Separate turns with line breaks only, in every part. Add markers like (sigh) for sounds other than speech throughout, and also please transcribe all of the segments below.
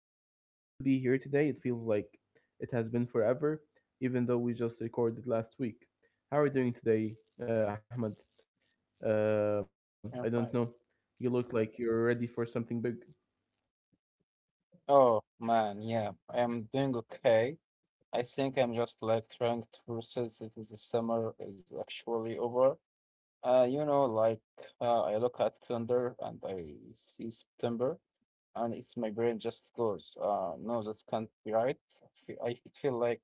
I'm so happy to be here today. It feels like it has been forever, even though we just recorded last week. How are you doing today, Ahmed? I
I'm
don't
fine.
know. You look like you're ready for something big.
Oh man, yeah, I am doing okay. I think I'm just like trying to process that the summer is actually over. Uh, you know, like I look at calendar and I see September, and it's my brain just goes, no, that can't be right. It feel like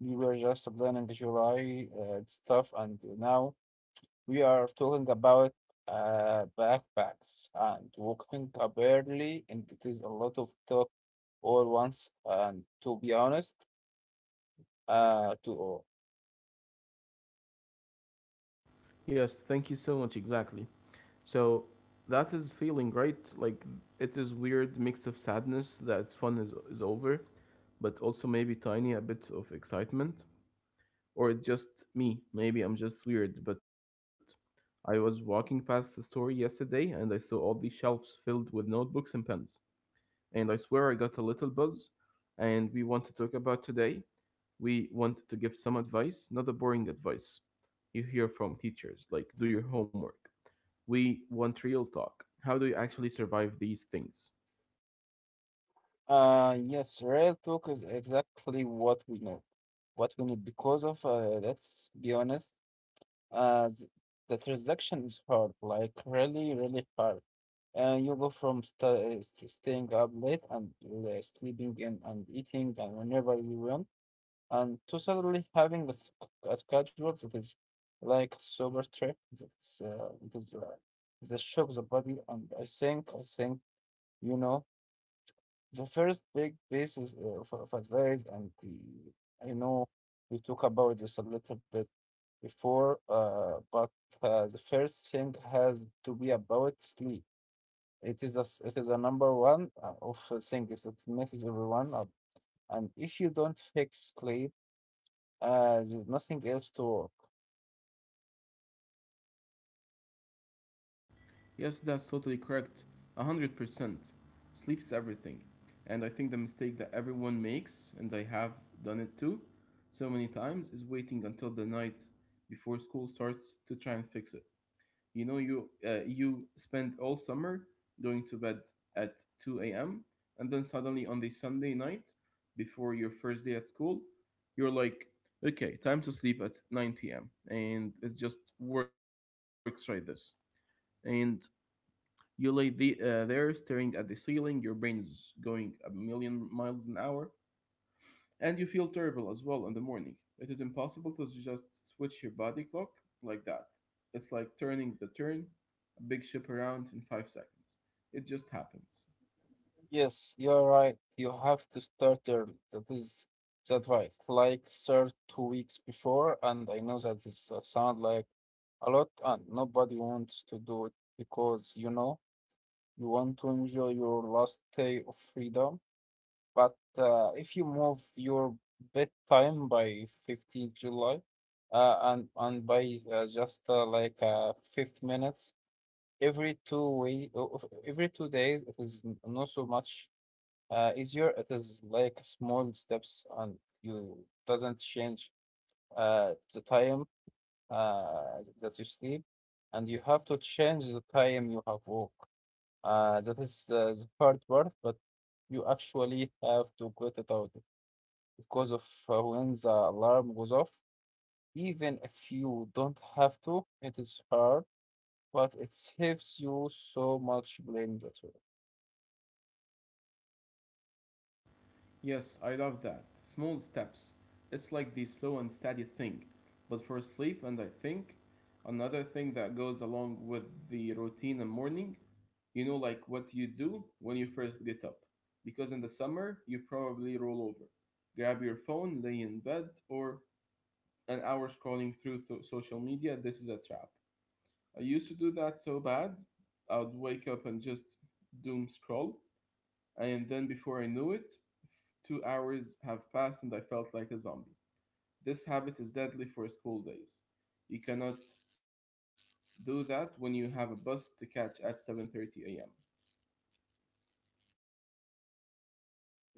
we were just planning July stuff, and now we are talking about backpacks and waking up early, and it is a lot of talk all once. And to be honest, to all.
Yes, thank you so much. Exactly. So that is feeling great. Like it is weird mix of sadness that it's fun is over, but also maybe tiny a bit of excitement. Or it's just me. Maybe I'm just weird, but I was walking past the store yesterday and I saw all these shelves filled with notebooks and pens. And I swear I got a little buzz. And we want to talk about today. We want to give some advice, not the boring advice you hear from teachers, like do your homework. We want real talk. How do you actually survive these things?
Yes, real talk is exactly what we know, what we need because of let's be honest, uh, th- the transaction is hard, like really, really hard. You go from sta- st staying up late and sleeping in and eating and whenever you want and to suddenly having a schedule that is like sober trip that's it is the shock the body and I think you know the first big pieces of advice and the I know we talk about this a little bit before but the first thing has to be about sleep. It is it is a number one of thing is it messes everyone up, and if you don't fix sleep, there's nothing else to work.
Yes, that's totally correct. 100%. Sleep is everything. And I think the mistake that everyone makes, and I have done it too, so many times, is waiting until the night before school starts to try and fix it. You know, you spend all summer going to bed at 2 a.m. and then suddenly on the Sunday night before your first day at school, you're like, okay, time to sleep at 9 p.m. and it just works like this. And you lay there staring at the ceiling, your brain is going a million miles an hour, and you feel terrible as well in the morning. It is impossible to just switch your body clock like that. It's like turning a big ship around in 5 seconds. It just happens.
Yes, you're right. You have to start early. That is the advice. Like start 2 weeks before, and I know that is sound like a lot, and nobody wants to do it because you know you want to enjoy your last day of freedom. But if you move your bedtime by 15th July, and by just like 50 minutes every 2 week every 2 days it is not so much easier. It is like small steps, and you doesn't change the time that you sleep, and you have to change the time you have work. That is the hard part, but you actually have to get it out because of when the alarm goes off, even if you don't have to it is hard, but it saves you so much blame later.
Yes, I love that. Small steps. It's like the slow and steady thing, but for sleep. And I think another thing that goes along with the routine and morning, you know, like what you do when you first get up. Because in the summer, you probably roll over, grab your phone, lay in bed, or an hour scrolling through social media. This is a trap. I used to do that so bad, I would wake up and just doom scroll, and then before I knew it, 2 hours have passed and I felt like a zombie. This habit is deadly for school days. You cannot do that when you have a bus to catch at 7:30 a.m.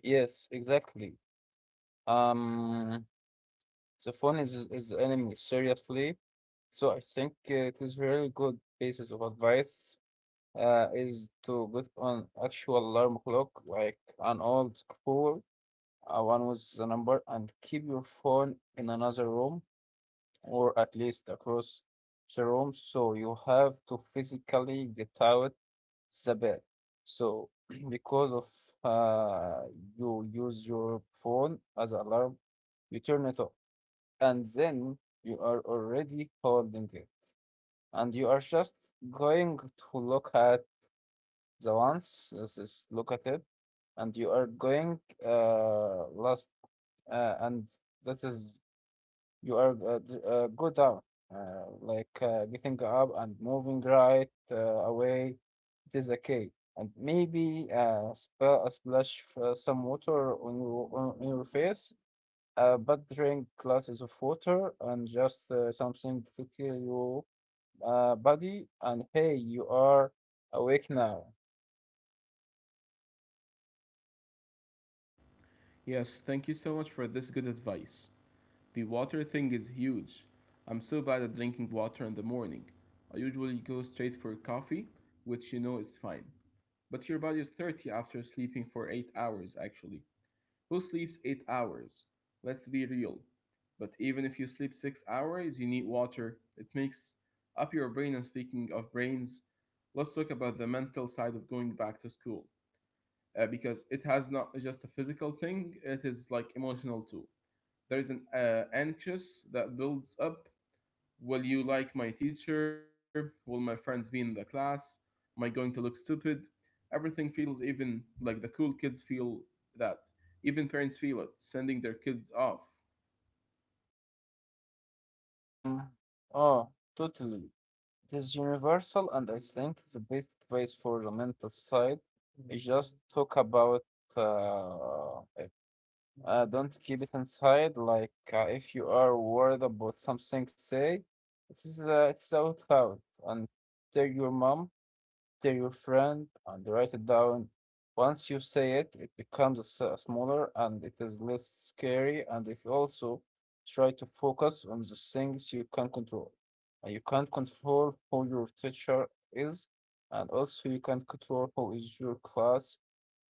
Yes, exactly. Um, the phone is the enemy, seriously. So I think it is very good basis of advice is to get on actual alarm clock, like an old school, one with the number, and keep your phone in another room or at least across the room. So you have to physically get out the bed. So (clears throat) because of uh, you use your phone as alarm, you turn it off, and then you are already holding it, and you are just going to look at the ones. Let's just look at it, and you are going last, and that is you are go down, getting up and moving right away. It is okay, and maybe splash some water on your on your face. But drink glasses of water and just something to kill your body. And hey, you are awake now.
Yes, thank you so much for this good advice. The water thing is huge. I'm so bad at drinking water in the morning. I usually go straight for coffee, which you know is fine. But your body is thirsty after sleeping for 8 hours, actually. Who sleeps 8 hours? Let's be real. But even if you sleep 6 hours, you need water. It makes up your brain. And speaking of brains, let's talk about the mental side of going back to school, because it has not just a physical thing, it is like emotional too. There is an anxious that builds up. Will you like my teacher? Will my friends be in the class? Am I going to look stupid? Everything feels, even like the cool kids feel that, even parents feel it sending their kids off.
Um, oh, Totally. It is universal, and I think the best advice for the mental side is just talk about it. Don't keep it inside. If you are worried about something, say it is it's out loud and tell your mom to your friend and write it down. Once you say it, it becomes smaller and it is less scary. And if you also try to focus on the things you can control, and you can't control who your teacher is, and also you can't control who is your class,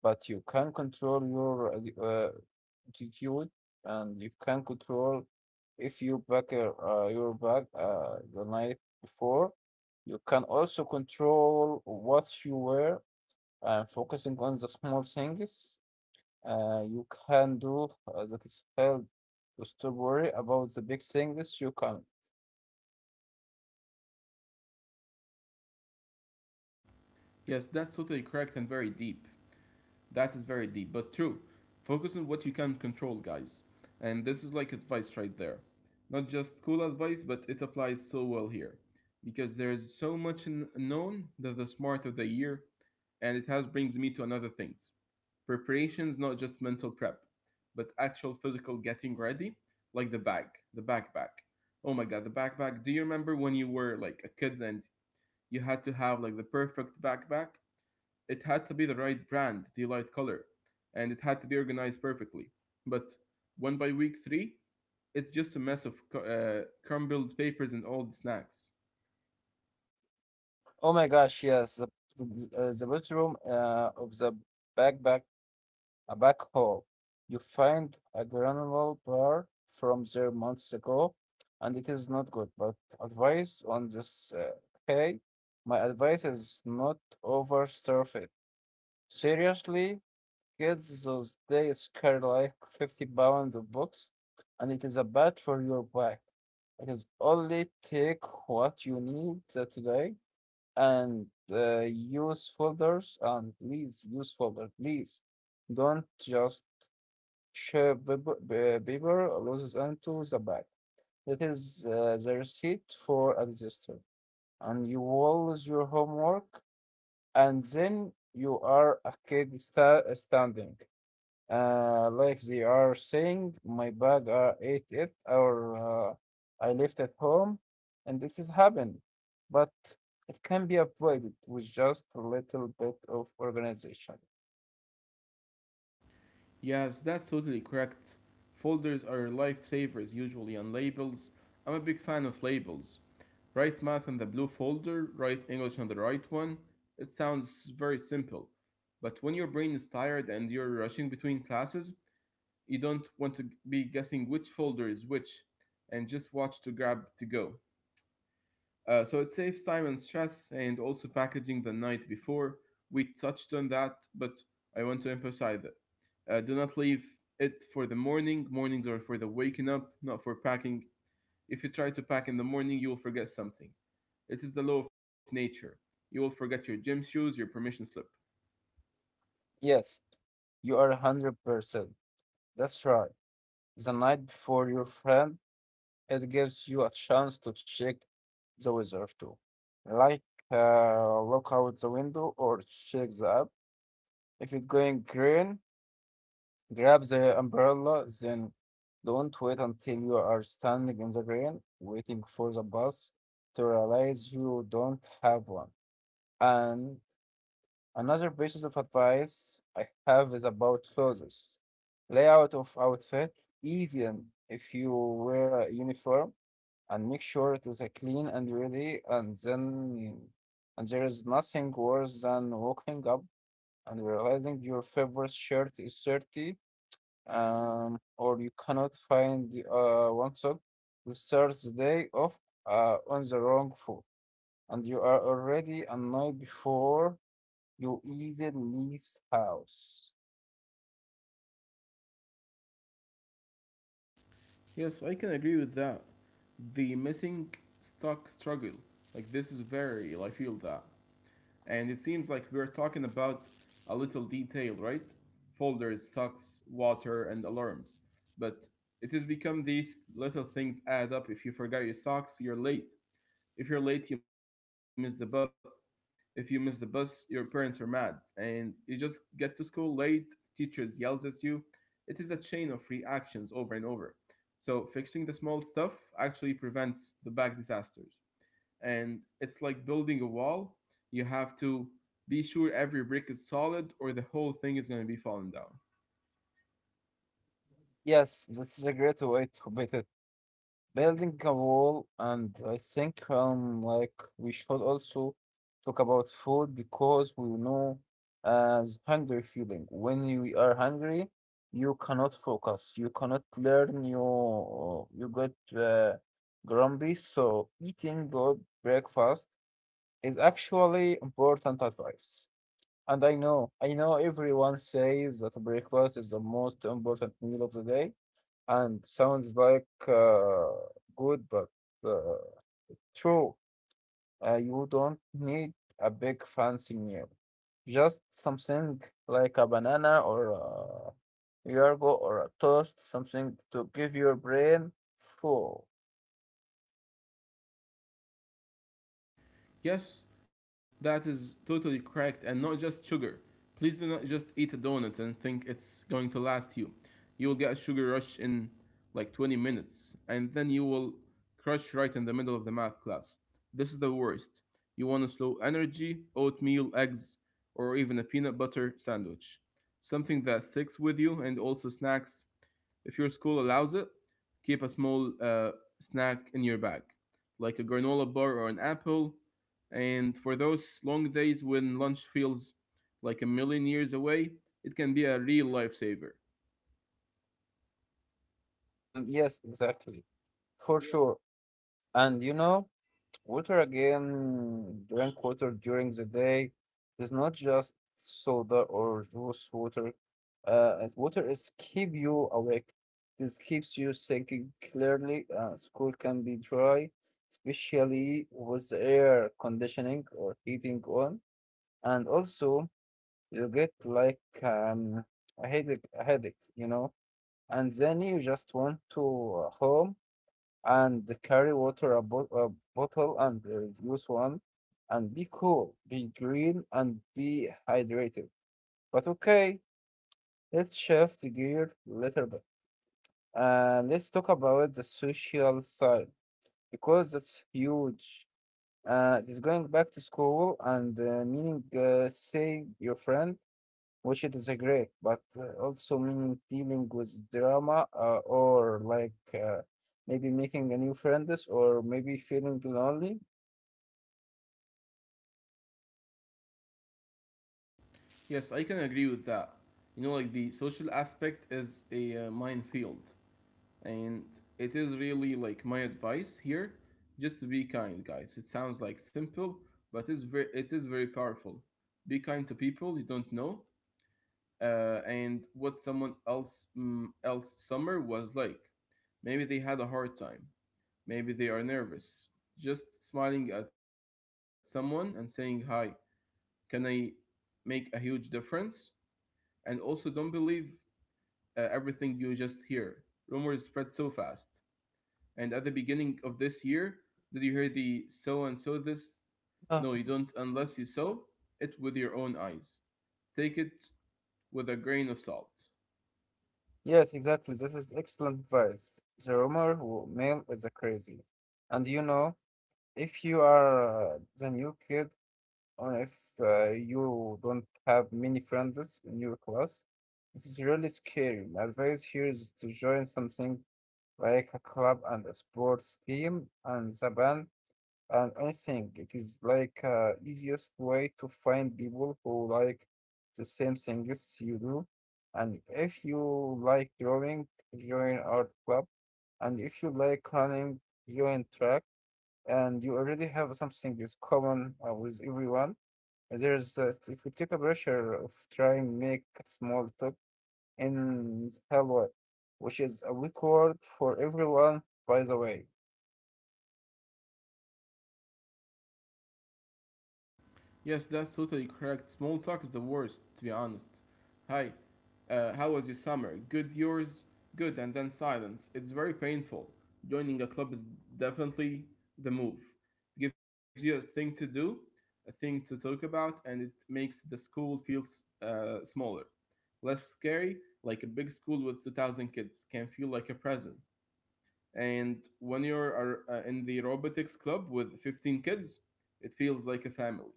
but you can control your attitude and you can control if you pack your bag the night before. You can also control what you wear, and focusing on the small things you can do that is help to stop worry about the big things you can.
Yes, that's totally correct and very deep. That is very deep, but true. Focus on what you can control, guys. And this is like advice right there. Not just school advice, but it applies so well here. Because there is so much known that the smart of the year, and it has brings me to another things. Preparations, not just mental prep, but actual physical getting ready, like the bag, the backpack. Oh my god, the backpack. Do you remember when you were like a kid and you had to have like the perfect backpack? It had to be the right brand, the light color, and it had to be organized perfectly. But when by week three, it's just a mess of crumbled papers and old snacks.
Oh my gosh, yes, the bedroom of the backpack a backhoe. You find a granule bar from there months ago, and it is not good. But advice on this, hey, my advice is not oversurf it. Seriously, kids those days carry like 50 pounds of books, and it is a bad for your back. It is only take what you need that day, and use folders, and please use folder, please don't just Sh- Bieber loses onto the bag. That is the receipt for a disaster. And you will lose your homework, and then you are a kid standing. Like they are saying, my bag are ate it, or I left at home, and this has happened. But it can be avoided with just a little bit of organization.
Yes, that's totally correct. Folders are lifesavers usually on labels. I'm a big fan of labels. Write math on the blue folder, write English on the right one. It sounds very simple. But when your brain is tired and you're rushing between classes, you don't want to be guessing which folder is which and just watch to grab to go. So it saves time and stress. And also packaging the night before. We touched on that, but I want to emphasize that. Do not leave it for the morning. Mornings are for the waking up, not for packing. If you try to pack in the morning, you will forget something. It is the law of nature. You will forget your gym shoes, your permission slip.
Yes, you are 100%. That's right. The night before your friend, it gives you a chance to check the weather too. Like look out the window or check the app. If it's going green, grab the umbrella, then don't wait until you are standing in the rain waiting for the bus to realize you don't have one. And another piece of advice I have is about clothes. Layout of outfit, even if you wear a uniform, and make sure it is clean and ready. And then, and there is nothing worse than waking up and realizing your favorite shirt is dirty, or you cannot find the, one sock. The third day off on the wrong foot, and you are already annoyed before you even leave house.
Yes, I can agree with that. The missing stock struggle, like this is very, I feel that. And it seems like we're talking about a little detail, right? Folders, socks, water, and alarms. But it has become these little things add up. If you forgot your socks, you're late. If you're late, you miss the bus. If you miss the bus, your parents are mad, and you just get to school late. Teachers yells at you. It is a chain of reactions over and over. So fixing the small stuff actually prevents the big disasters. And it's like building a wall. You have to be sure every brick is solid, or the whole thing is going to be falling down.
Yes, that is a great way to beat it. Building a wall. And I think like we should also talk about food, because we know as hungry feeling when you are hungry you cannot focus, you cannot learn, you get grumpy, so eating good breakfast is actually important advice. And I know everyone says that breakfast is the most important meal of the day and sounds like good, but uh, true. You don't need a big fancy meal. Just something like a banana or a yargo or a toast, something to give your brain full.
Yes, that is totally correct, and not just sugar. Please do not just eat a donut and think it's going to last you. You will get a sugar rush in like 20 minutes, and then you will crush right in the middle of the math class. This is the worst. You want a slow energy, oatmeal, eggs, or even a peanut butter sandwich. Something that sticks with you. And also snacks, if your school allows it, keep a small snack in your bag, like a granola bar or an apple. And for those long days when lunch feels like a million years away, it can be a real lifesaver.
Yes, exactly. For sure. And you know, water again, drink water during the day. It's not just soda or juice water. And water is keep you awake. This keeps you thinking clearly. School can be dry, especially with the air conditioning or heating on. And also, you get like a headache, you know. And then you just want to home and carry water a bottle and use one and be cool, be green, and be hydrated. But okay, let's shift gear a little bit, and let's talk about the social side, because that's huge. It's going back to school and meaning seeing your friend, which it is a great, but also meaning dealing with drama or like maybe making a new friends or maybe feeling lonely.
Yes, I can agree with that. You know, like the social aspect is a minefield, and it is really like my advice here, just to be kind, guys. It sounds like simple, but it's very, it is very powerful. Be kind to people you don't know, and what someone else else summer was like. Maybe they had a hard time. Maybe they are nervous. Just smiling at someone and saying hi can I make a huge difference. And also, don't believe everything you just hear. Rumors spread so fast. And at the beginning of this year, did you hear the so and so this?
Uh,
No, you don't unless you saw it with your own eyes. Take it with a grain of salt.
yes, exactly. This is excellent advice. The rumor mill is a crazy, and you know if you are the new kid or if you don't have many friends in your class, it is really scary. My advice here is to join something like a club and a sports team and the band. And I think it is like easiest way to find people who like the same things you do. And if you like drawing, join art club. And if you like running, join track. And you already have something is common with everyone. And there's if we take a pressure of trying make small talk in Helwa, which is a weak word for everyone, by the way.
Yes, that's totally correct. Small talk is the worst, to be honest. Hi, how was your summer? Good, yours? Good, and then silence. It's very painful. Joining a club is definitely the move. It gives you a thing to do, a thing to talk about, and it makes the school feels smaller, less scary. Like a big school with 2,000 kids can feel like a prison. And when you're in the robotics club with 15 kids, it feels like a family.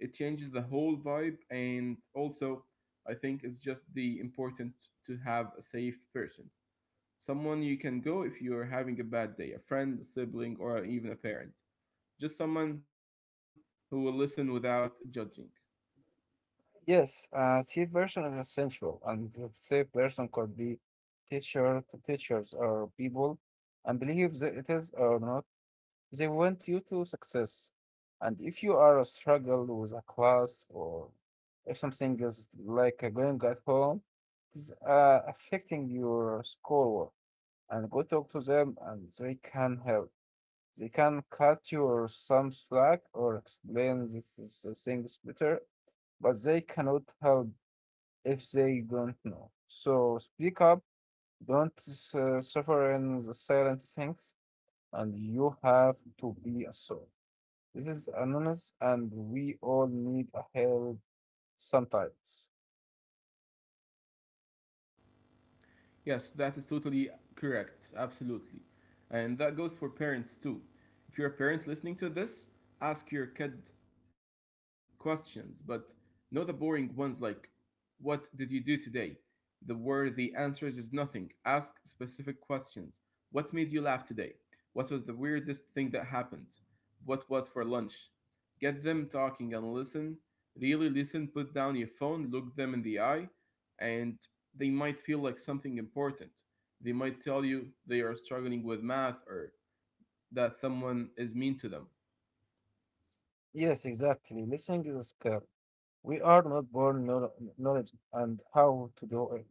It changes the whole vibe. And also, I think it's just the important to have a safe person, someone you can go if you're having a bad day, a friend, a sibling, or even a parent, just someone who will listen without judging.
Yes, a safe version is essential, and the safe version could be teacher, teachers or people, and believe that it is or not, they want you to success. And if you are a struggle with a class or if something is like going at home, it's affecting your schoolwork, and go talk to them, and they can help. They can cut you some slack or explain this things better, but they cannot help if they don't know. So speak up, don't suffer in the silent things, and you have to be a soul. This is anonymous, and we all need a help sometimes.
Yes, that is totally correct. Absolutely. And that goes for parents too. If you're a parent listening to this, ask your kid questions, but not the boring ones like, what did you do today? The where the answers is nothing. Ask specific questions. What made you laugh today? What was the weirdest thing that happened? What was for lunch? Get them talking and listen. Really listen, put down your phone, look them in the eye, and they might feel like something important. They might tell you they are struggling with math or that someone is mean to them.
Yes, exactly. Listening is a skill. We are not born knowledge and how to do it.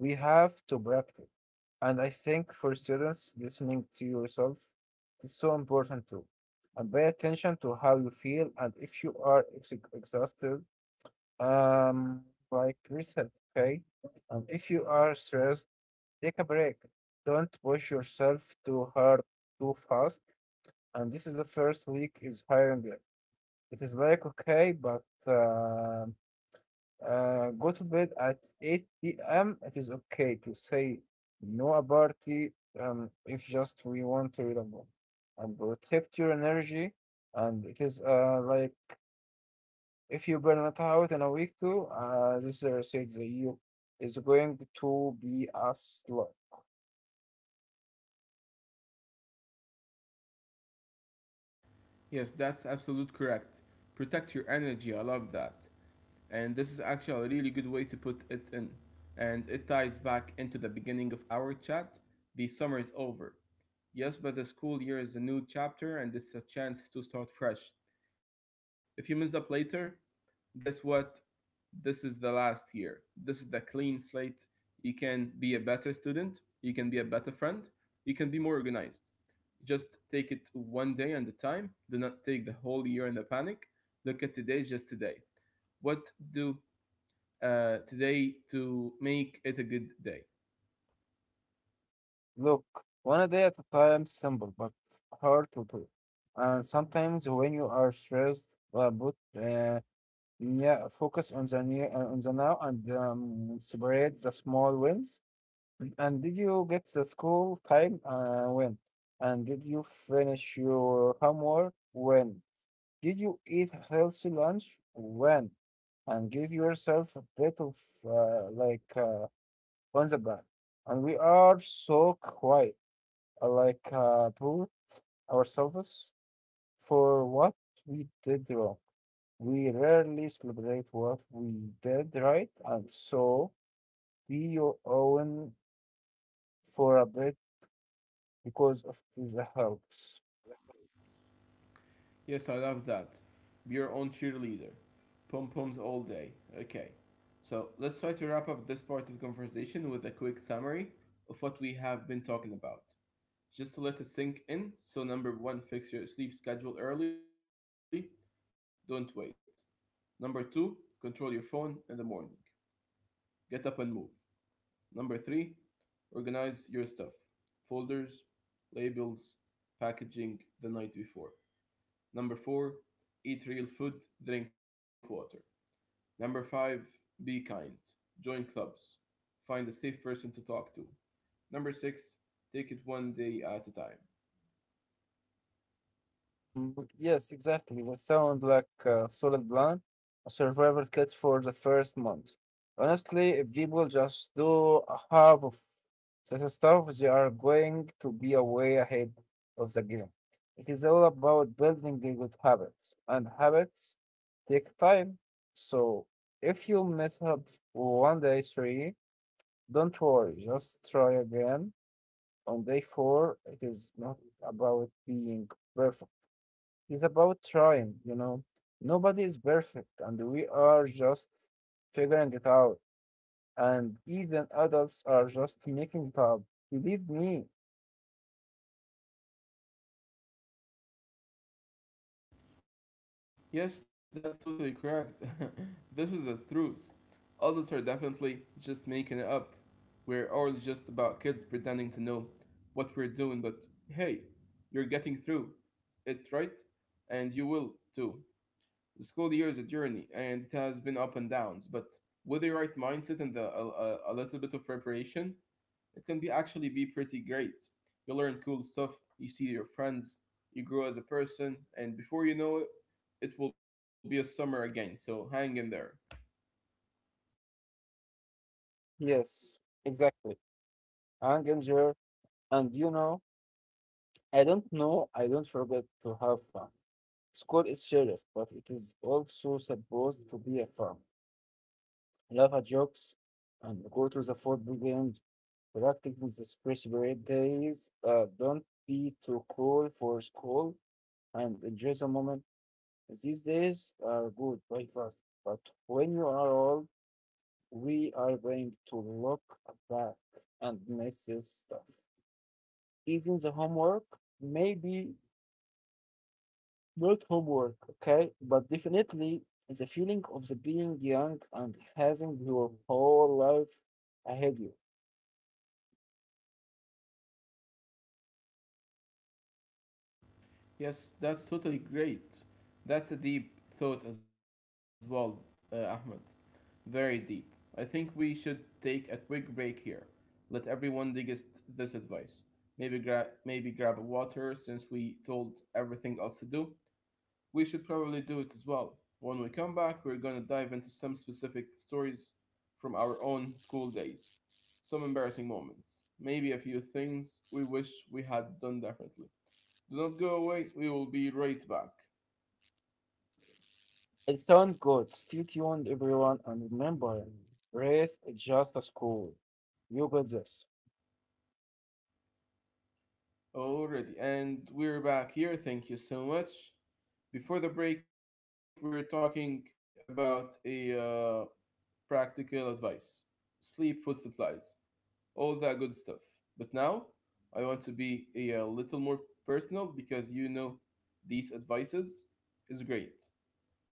We have to practice. And I think for students, listening to yourself is so important too. And pay attention to how you feel, and if you are ex exhausted, um, like reset, okay? And if you are stressed, take a break. Don't push yourself too hard, too fast. And this is the first week is hiring it is like okay, but go to bed at 8 p.m. It is okay to say no a party if just we want to read a book and protect your energy. And it is like if you burn it out in a week too, this says that you is going to be a slog.
Yes, that's absolute correct. Protect your energy. I love that. And this is actually a really good way to put it in. And it ties back into the beginning of our chat. The summer is over. Yes, but the school year is a new chapter and it's a chance to start fresh. If you mess up later, guess what? This is the last year. This is the clean slate. You can be a better student, you can be a better friend, you can be more organized. Just take it one day at a time. Do not take the whole year in a panic. Look at today, just today. What do today to make it a good day?
Look, one day at a time, simple but hard to do. And sometimes when you are stressed about yeah, focus on the near, on the now, and celebrate the small wins. And did you get the school time when? And did you finish your homework when? Did you eat healthy lunch when? And give yourself a bit of uh, like uh, on the back. And we are so quiet, brute ourselves for what we did wrong. We rarely celebrate what we did right, and so be your own for a bit because of it helps.
Yes, I love that. Be your own cheerleader. Pom poms all day. Okay. So let's try to wrap up this part of the conversation with a quick summary of what we have been talking about. Just to let it sink in. So, number one, fix your sleep schedule early. Don't wait. Number two, control your phone in the morning. Get up and move. Number three, organize your stuff. Folders, labels, packaging the night before. Number four, eat real food, drink water. Number five, be kind. Join clubs. Find a safe person to talk to. Number six, take it one day at a time.
Yes, exactly. That sounds like a solid plan, a survival kit for the first month. Honestly, if people just do half of the stuff, they are going to be a way ahead of the game. It is all about building the good habits, and habits take time. So if you mess up 1 day three, don't worry, just try again. On day four, it is not about being perfect. It's about trying, Nobody is perfect, and we are just figuring it out. And even adults are just making it up. Believe me.
Yes, that's totally correct. (laughs) This is the truth. Adults are definitely just making it up. We're all just about kids pretending to know what we're doing, but hey, you're getting through it, right? And you will too. The school year is a journey, and it has been up and downs, but with the right mindset and a little bit of preparation, it can be actually be pretty great. You learn cool stuff, you see your friends, you grow as a person, and before you know it, it will be a summer again. So hang in there.
Yes, exactly. I enjoy, and, I don't know, I don't forget to have fun. School is serious, but it is also supposed to be a fun. Laugh at jokes and go to the football games, practicing the speech days. Don't be too cool for school and enjoy the moment. These days are good, very fast, but when you are old, we are going to look back and miss this stuff. Even the homework, maybe not homework, okay, but definitely the feeling of the being young and having your whole life ahead you.
Yes, that's totally great. That's a deep thought as well, Ahmed. Very deep. I think we should take a quick break here. Let everyone digest this advice. Maybe grab a water since we told everything else to do. We should probably do it as well. When we come back, we're gonna dive into some specific stories from our own school days, some embarrassing moments, maybe a few things we wish we had done differently. Do not go away, we will be right back.
It sounds good. Stay tuned, everyone, and remember, race is just a school. You got this.
Already, and we're back here. Thank you so much. Before the break, we're talking about a uh, practical advice sleep food supplies, all that good stuff. But now I want to be a, little more personal because you know these advices is great,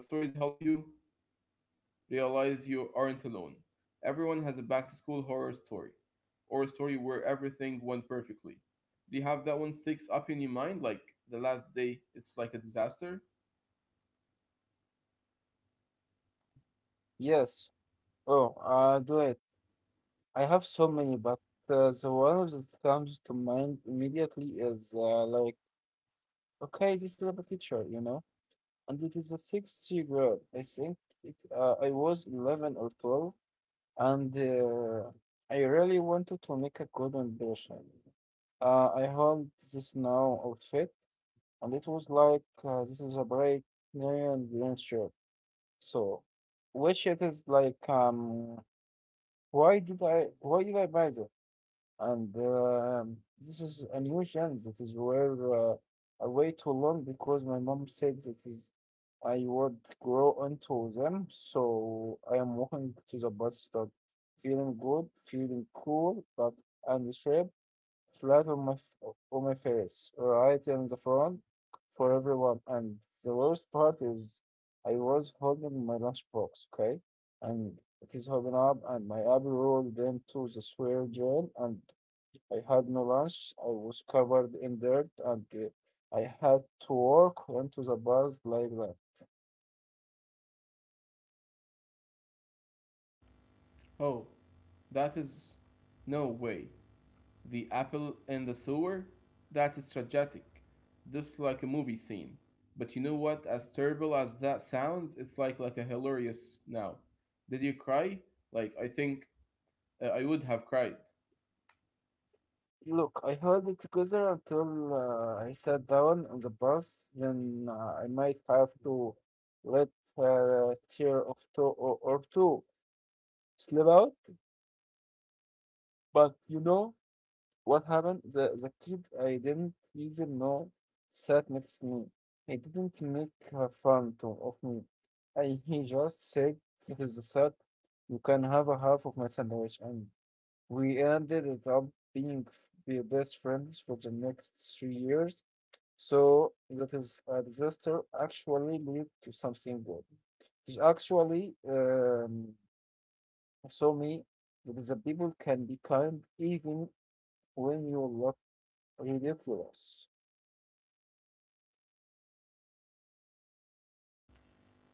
but stories help you realize you aren't alone. Everyone has a back to school horror story or a story where everything went perfectly. Do you have that one sticks up in your mind like the last day it's like a disaster?
Yes. Oh, do it. I have so many, but the one that comes to mind immediately is like, okay, this is about teacher, and it is the sixth grade. I think it, I was 11 or 12, and I really wanted to make a good impression. I had this now outfit, and it was like this is a bright neon green shirt. So, which it is like, why did I buy this? And this is a new chance that is where I wait too long because my mom said that is I would grow into them. So I am walking to the bus stop, feeling good, feeling cool, but undisturbed flat on on my face, right in the front for everyone. And the worst part is I was holding my lunchbox, okay? And it is open up and my apple rolled into the sewer drain and I had no lunch. I was covered in dirt and I had to walk into the bars like that.
Oh, that is no way. The apple in the sewer? That is tragic. Just like a movie scene. But you know what? As terrible as that sounds, it's like a hilarious now. Did you cry? Like I think I would have cried.
Look, I held it together until I sat down on the bus. Then I might have to let tear of two or two slip out. But you know what happened? The kid I didn't even know sat next to me. He didn't make fun of me. He just said, "This is the sack. You can have a half of my sandwich." And we ended it up being be best friends for the next 3 years. So that is a disaster actually lead to something good. It actually show me that the people can be kind even when you look ridiculous.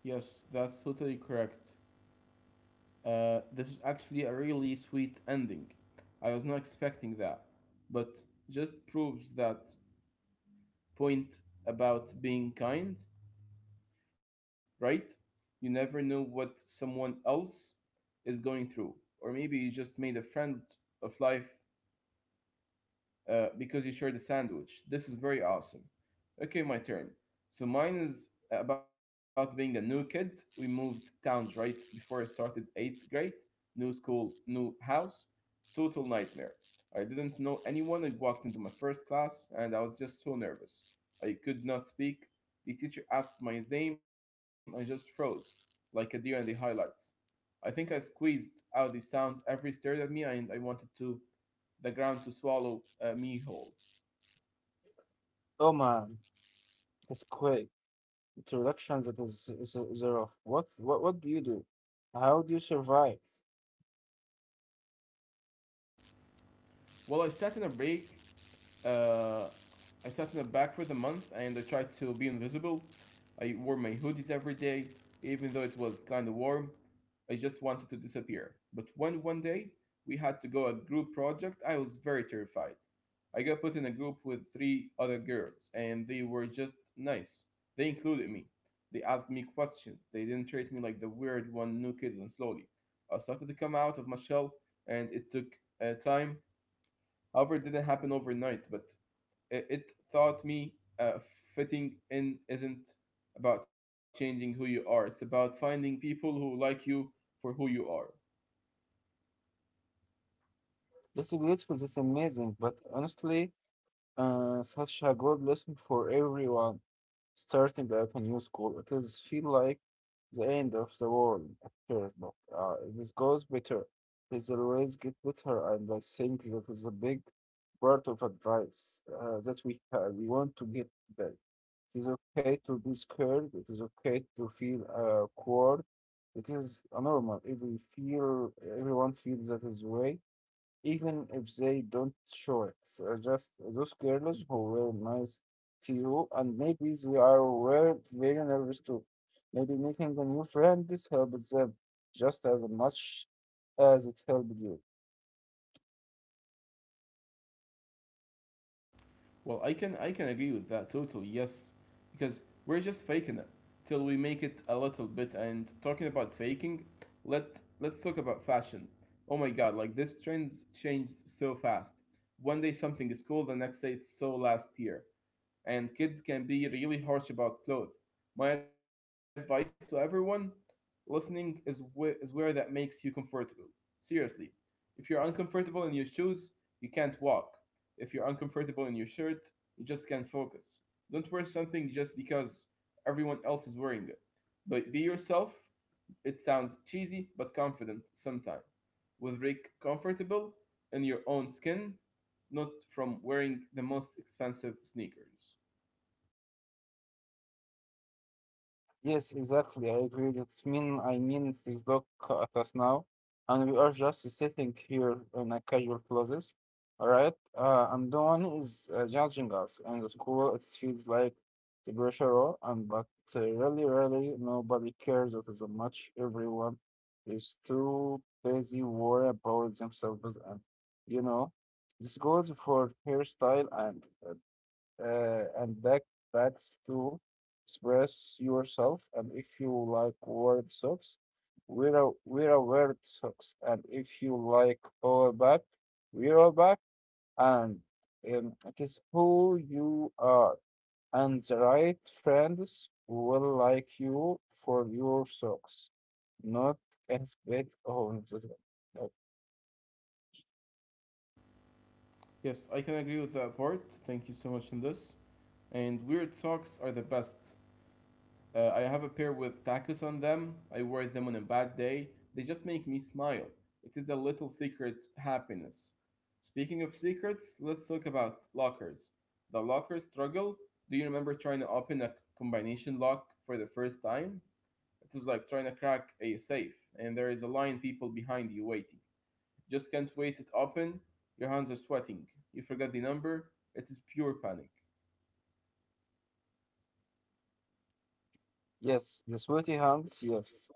Yes, that's totally correct. This is actually a really sweet ending. I was not expecting that, but just proves that point about being kind, right? You never know what someone else is going through. Or maybe you just made a friend of life because you shared a sandwich. This is very awesome. Okay, my turn. So mine is about being a new kid. We moved towns right before I started eighth grade. New school, new house. Total nightmare. I didn't know anyone. I walked into my first class and I was just so nervous. I could not speak. The teacher asked my name. I just froze like a deer in the highlights. I think I squeezed out the sound every stared at me and I wanted to the ground to swallow me whole.
Oh man, that's quick introduction. That is a rough. What do you do? How do you survive?
Well, I sat in a break. Uh, I sat in a back for the month, and I tried to be invisible. I wore my hoodies every day, even though it was kind of warm. I just wanted to disappear. But when one day we had to go a group project, I was very terrified. I got put in a group with three other girls, and they were just nice. They included me. They asked me questions. They didn't treat me like the weird one, new kids, and slowly. I started to come out of my shell, and it took time. However, it didn't happen overnight, but it taught me uh, fitting in isn't about changing who you are. It's about finding people who like you for who you are.
This is beautiful. This is amazing. But honestly, such a good lesson for everyone starting at a new school. It is feel like the end of the world at first, but it goes better. It always get better, and I think that is a big part of advice that we have. We want to get back. It is okay to be scared. It is okay to feel awkward. It is normal. Everyone feels that his way even if they don't show it. So just those girls who were nice to you, and maybe they are were very nervous too. Maybe making a new friend this helped them just as much as it helped you.
Well, I can agree with that totally. Yes, because we're just faking it till we make it a little bit. And talking about faking, let let's talk about fashion. Oh my God, like this trends change so fast. One day something is cool, the next day it's so last year, and kids can be really harsh about clothes. My advice to everyone listening is, is wear that makes you comfortable. Seriously, if you're uncomfortable in your shoes, you can't walk. If you're uncomfortable in your shirt, you just can't focus. Don't wear something just because everyone else is wearing it. But be yourself. It sounds cheesy but confident sometimes. With Rick comfortable in your own skin, not from wearing the most expensive sneakers.
Yes, exactly. I agree. I mean, please look at us now, and we are just sitting here in a casual clothes, all right? And no one is judging us. And the school, it feels like the pressure, all, and but really, really, nobody cares as much. Everyone is too busy worry about themselves, and you know, this goes for hairstyle and uh, and back backs to express yourself. And if you like word socks, wear a word socks. And if you like power back, wear a back. And it is who you are, and the right friends will like you for your socks, not as bad on the. uh,
Yes, I can agree with that part. Thank you so much in this. And weird socks are the best. I have a pair with tacos on them. I wear them on a bad day. They just make me smile. It is a little secret happiness. Speaking of secrets, let's talk about lockers. The locker struggle. Do you remember trying to open a combination lock for the first time? It is like trying to crack a safe, and there is a line people behind you waiting. Just can't wait it open. Your hands are sweating. You forgot the number. It is pure panic.
Yes, the sweaty hands, yes.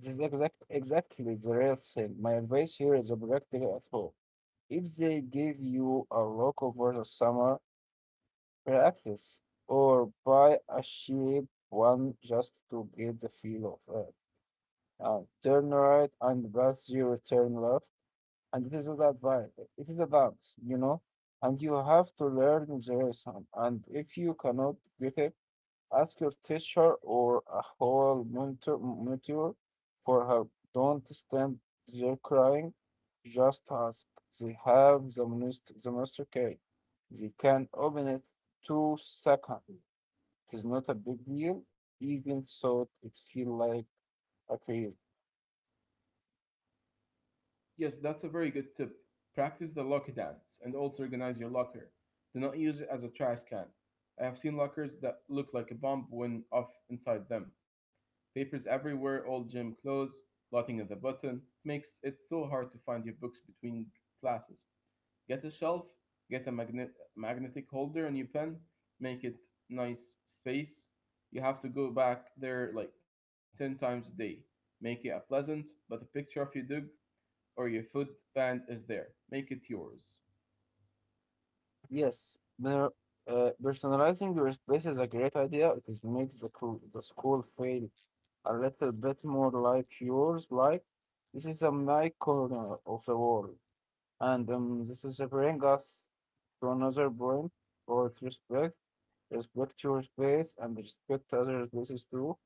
This is exactly the real thing. My advice here is a practical at home. If they give you a rock over the summer, practice or buy a cheap one just to get the feel of it. Turn right and pass your turn left. And this is advice. It is a dance, and you have to learn the lesson. And if you cannot get it, ask your teacher or a whole mentor for help. Don't stand there crying. Just ask. They have the most. The master key. They can open it 2 seconds. It is not a big deal, even so it feels like a crazy.
Yes, that's a very good tip. Practice the locker dance and also organize your locker. Do not use it as a trash can. I have seen lockers that look like a bomb went off inside them. Papers everywhere, old gym clothes, blotting at the button. It makes it so hard to find your books between classes. Get a shelf, get a magnetic holder on your pen, make it nice space. You have to go back there like 10 times a day. Make it a pleasant, but a picture of your dog or your food band is there. Make it yours.
Yes, personalizing your space is a great idea. It is makes the school feel a little bit more like yours. Like, this is a nice corner of the world, and this is bring us to another point about respect. Respect your space and respect other spaces too.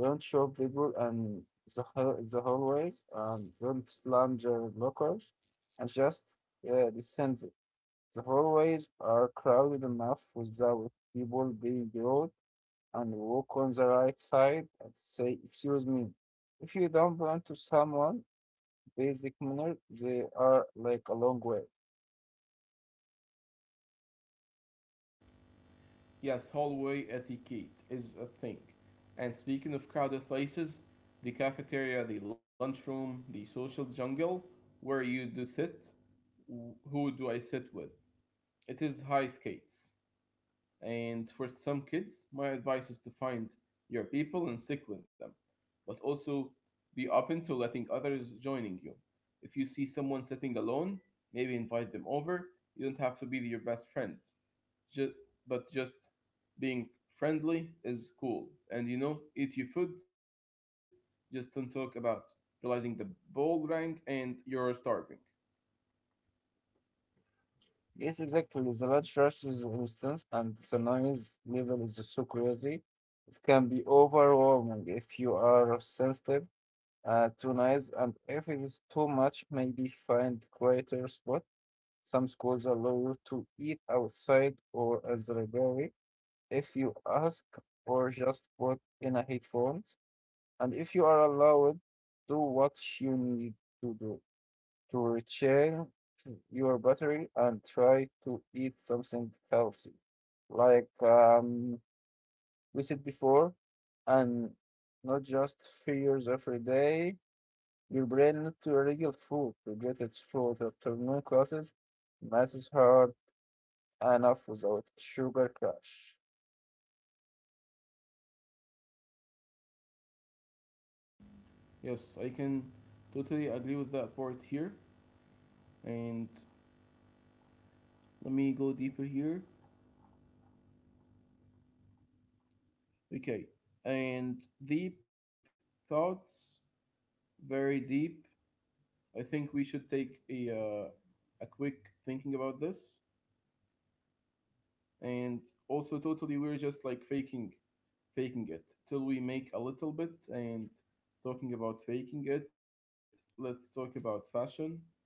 Don't show people and the hallways and don't slam their lockers and just descend. The hallways are crowded enough without people being rude and walk on the right side and say, excuse me. If you don't bump to someone, basic manner, they are like a long way.
Yes, hallway etiquette is a thing. And speaking of crowded places, the cafeteria, the lunchroom, the social jungle, where you do sit, who do I sit with? It is high skates. And for some kids, my advice is to find your people and stick with them, but also be open to letting others joining you. If you see someone sitting alone, maybe invite them over. You don't have to be your best friend, just, but just being friendly is cool. And you know, eat your food, just don't talk about realizing the ball rang and you're starving.
Yes, exactly. The large rush is instance, and the noise level is so crazy. It can be overwhelming if you are sensitive to noise, and if it is too much, maybe find quieter spot. Some schools allow you to eat outside or at the library if you ask or just put in a headphones. And if you are allowed, do what you need to do to recharge your battery and try to eat something healthy, like we said before, and not just figures every day. Your brain need to real food to get its food afternoon classes. Math is hard enough without sugar crash.
Yes, I can totally agree with that part here. And let me go deeper here, okay, and deep thoughts, very deep. I think we should take a quick thinking about this, and also totally we're just like faking it till we make a little bit. And talking about faking it, let's talk about fashion,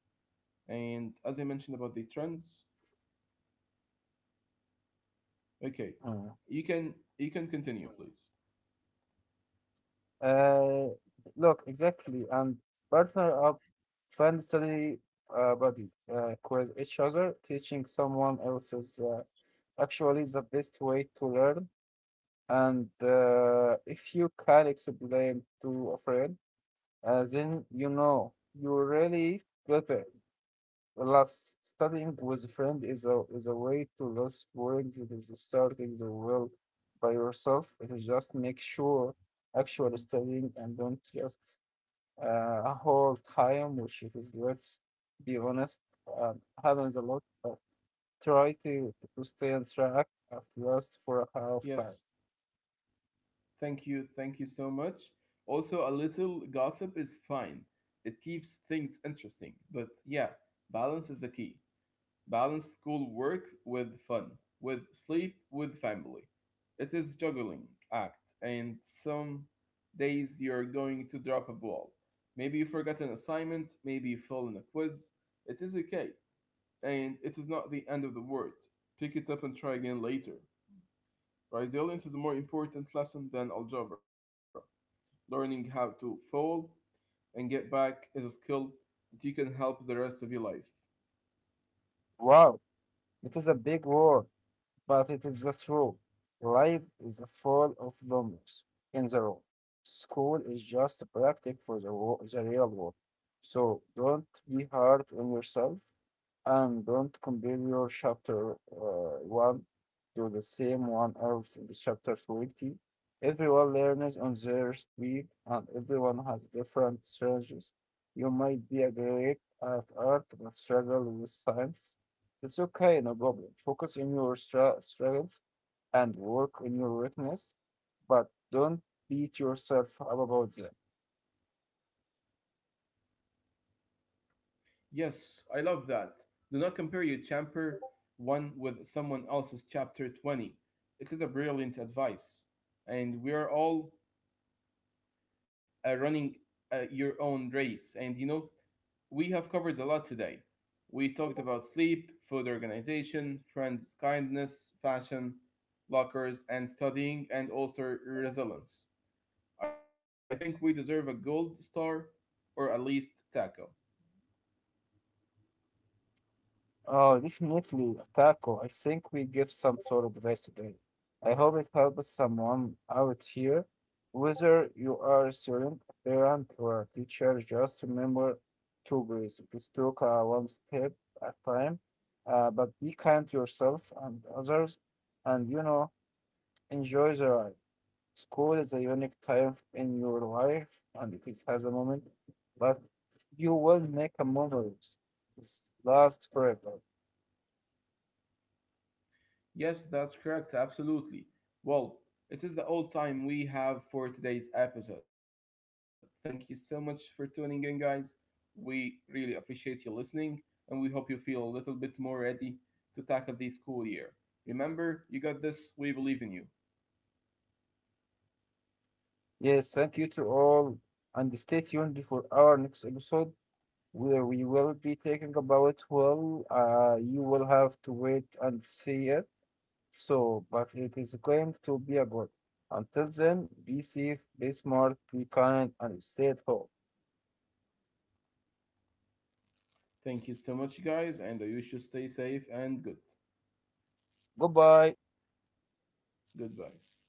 and as I mentioned about the trends. Okay, you can continue please.
Uh, Look, exactly, and partner up, find study body quiz each other, teaching someone else is actually the best way to learn. And if you can explain to a friend, then you know you really got it. Plus, studying with a friend is a way to less boring. It is starting the world by yourself. It is just make sure actual studying and don't just a whole time, which is, let's be honest, happens a lot, but try to stay on track at least for a half
Yes,
time.
thank you, so much. Also, a little gossip is fine. It keeps things interesting. But yeah, balance is the key. Balance school work with fun, with sleep, with family. It is juggling act, and some days you're going to drop a ball. Maybe you forgot an assignment, maybe you fail in a quiz. It is okay, and it is not the end of the world. Pick it up and try again later. Resilience is a more important lesson than algebra. Learning how to fall and get back is a skill that you can help the rest of your life.
Wow, this is a big word. But it is the truth. Life is full of numbers in the room. School is just a practice for the real world. So don't be hard on yourself and don't compare your chapter 1 to the same one else in the chapter 20. Everyone learns on their speed and everyone has different strategies. You might be a great at art but struggle with science. It's okay, no problem. Focus on your struggles and work on your weakness, but don't beat yourself up about them.
Yes, I love that. Do not compare your chapter 1 with someone else's chapter 20. It is a brilliant advice. And we are all running your own race. And you know, we have covered a lot today. We talked about sleep, food organization, friends' kindness, fashion, lockers, and studying, and also resilience. I think we deserve a gold star or at least taco.
Oh, definitely, Taco. I think we give some sort of advice today. I hope it helps someone out here. Whether you are a student, a parent, or a teacher, just remember to breathe. Just take one step at a time, but be kind to yourself and others, and, enjoy the ride. School is a unique time in your life and it is has a moment, but you will make a memories. It's last forever.
Yes, that's correct, absolutely. Well, it is the all time we have for today's episode. Thank you so much for tuning in, guys. We really appreciate you listening, and we hope you feel a little bit more ready to tackle the school year. Remember, you got this, we believe in you.
Yes, thank you to all and stay tuned for our next episode where we will be taking about well you will have to wait and see it. So but it is going to be a good. Until then, be safe, be smart, be kind, and stay at home.
Thank you so much, guys, and I wish you stay safe and good.
Goodbye.
Goodbye.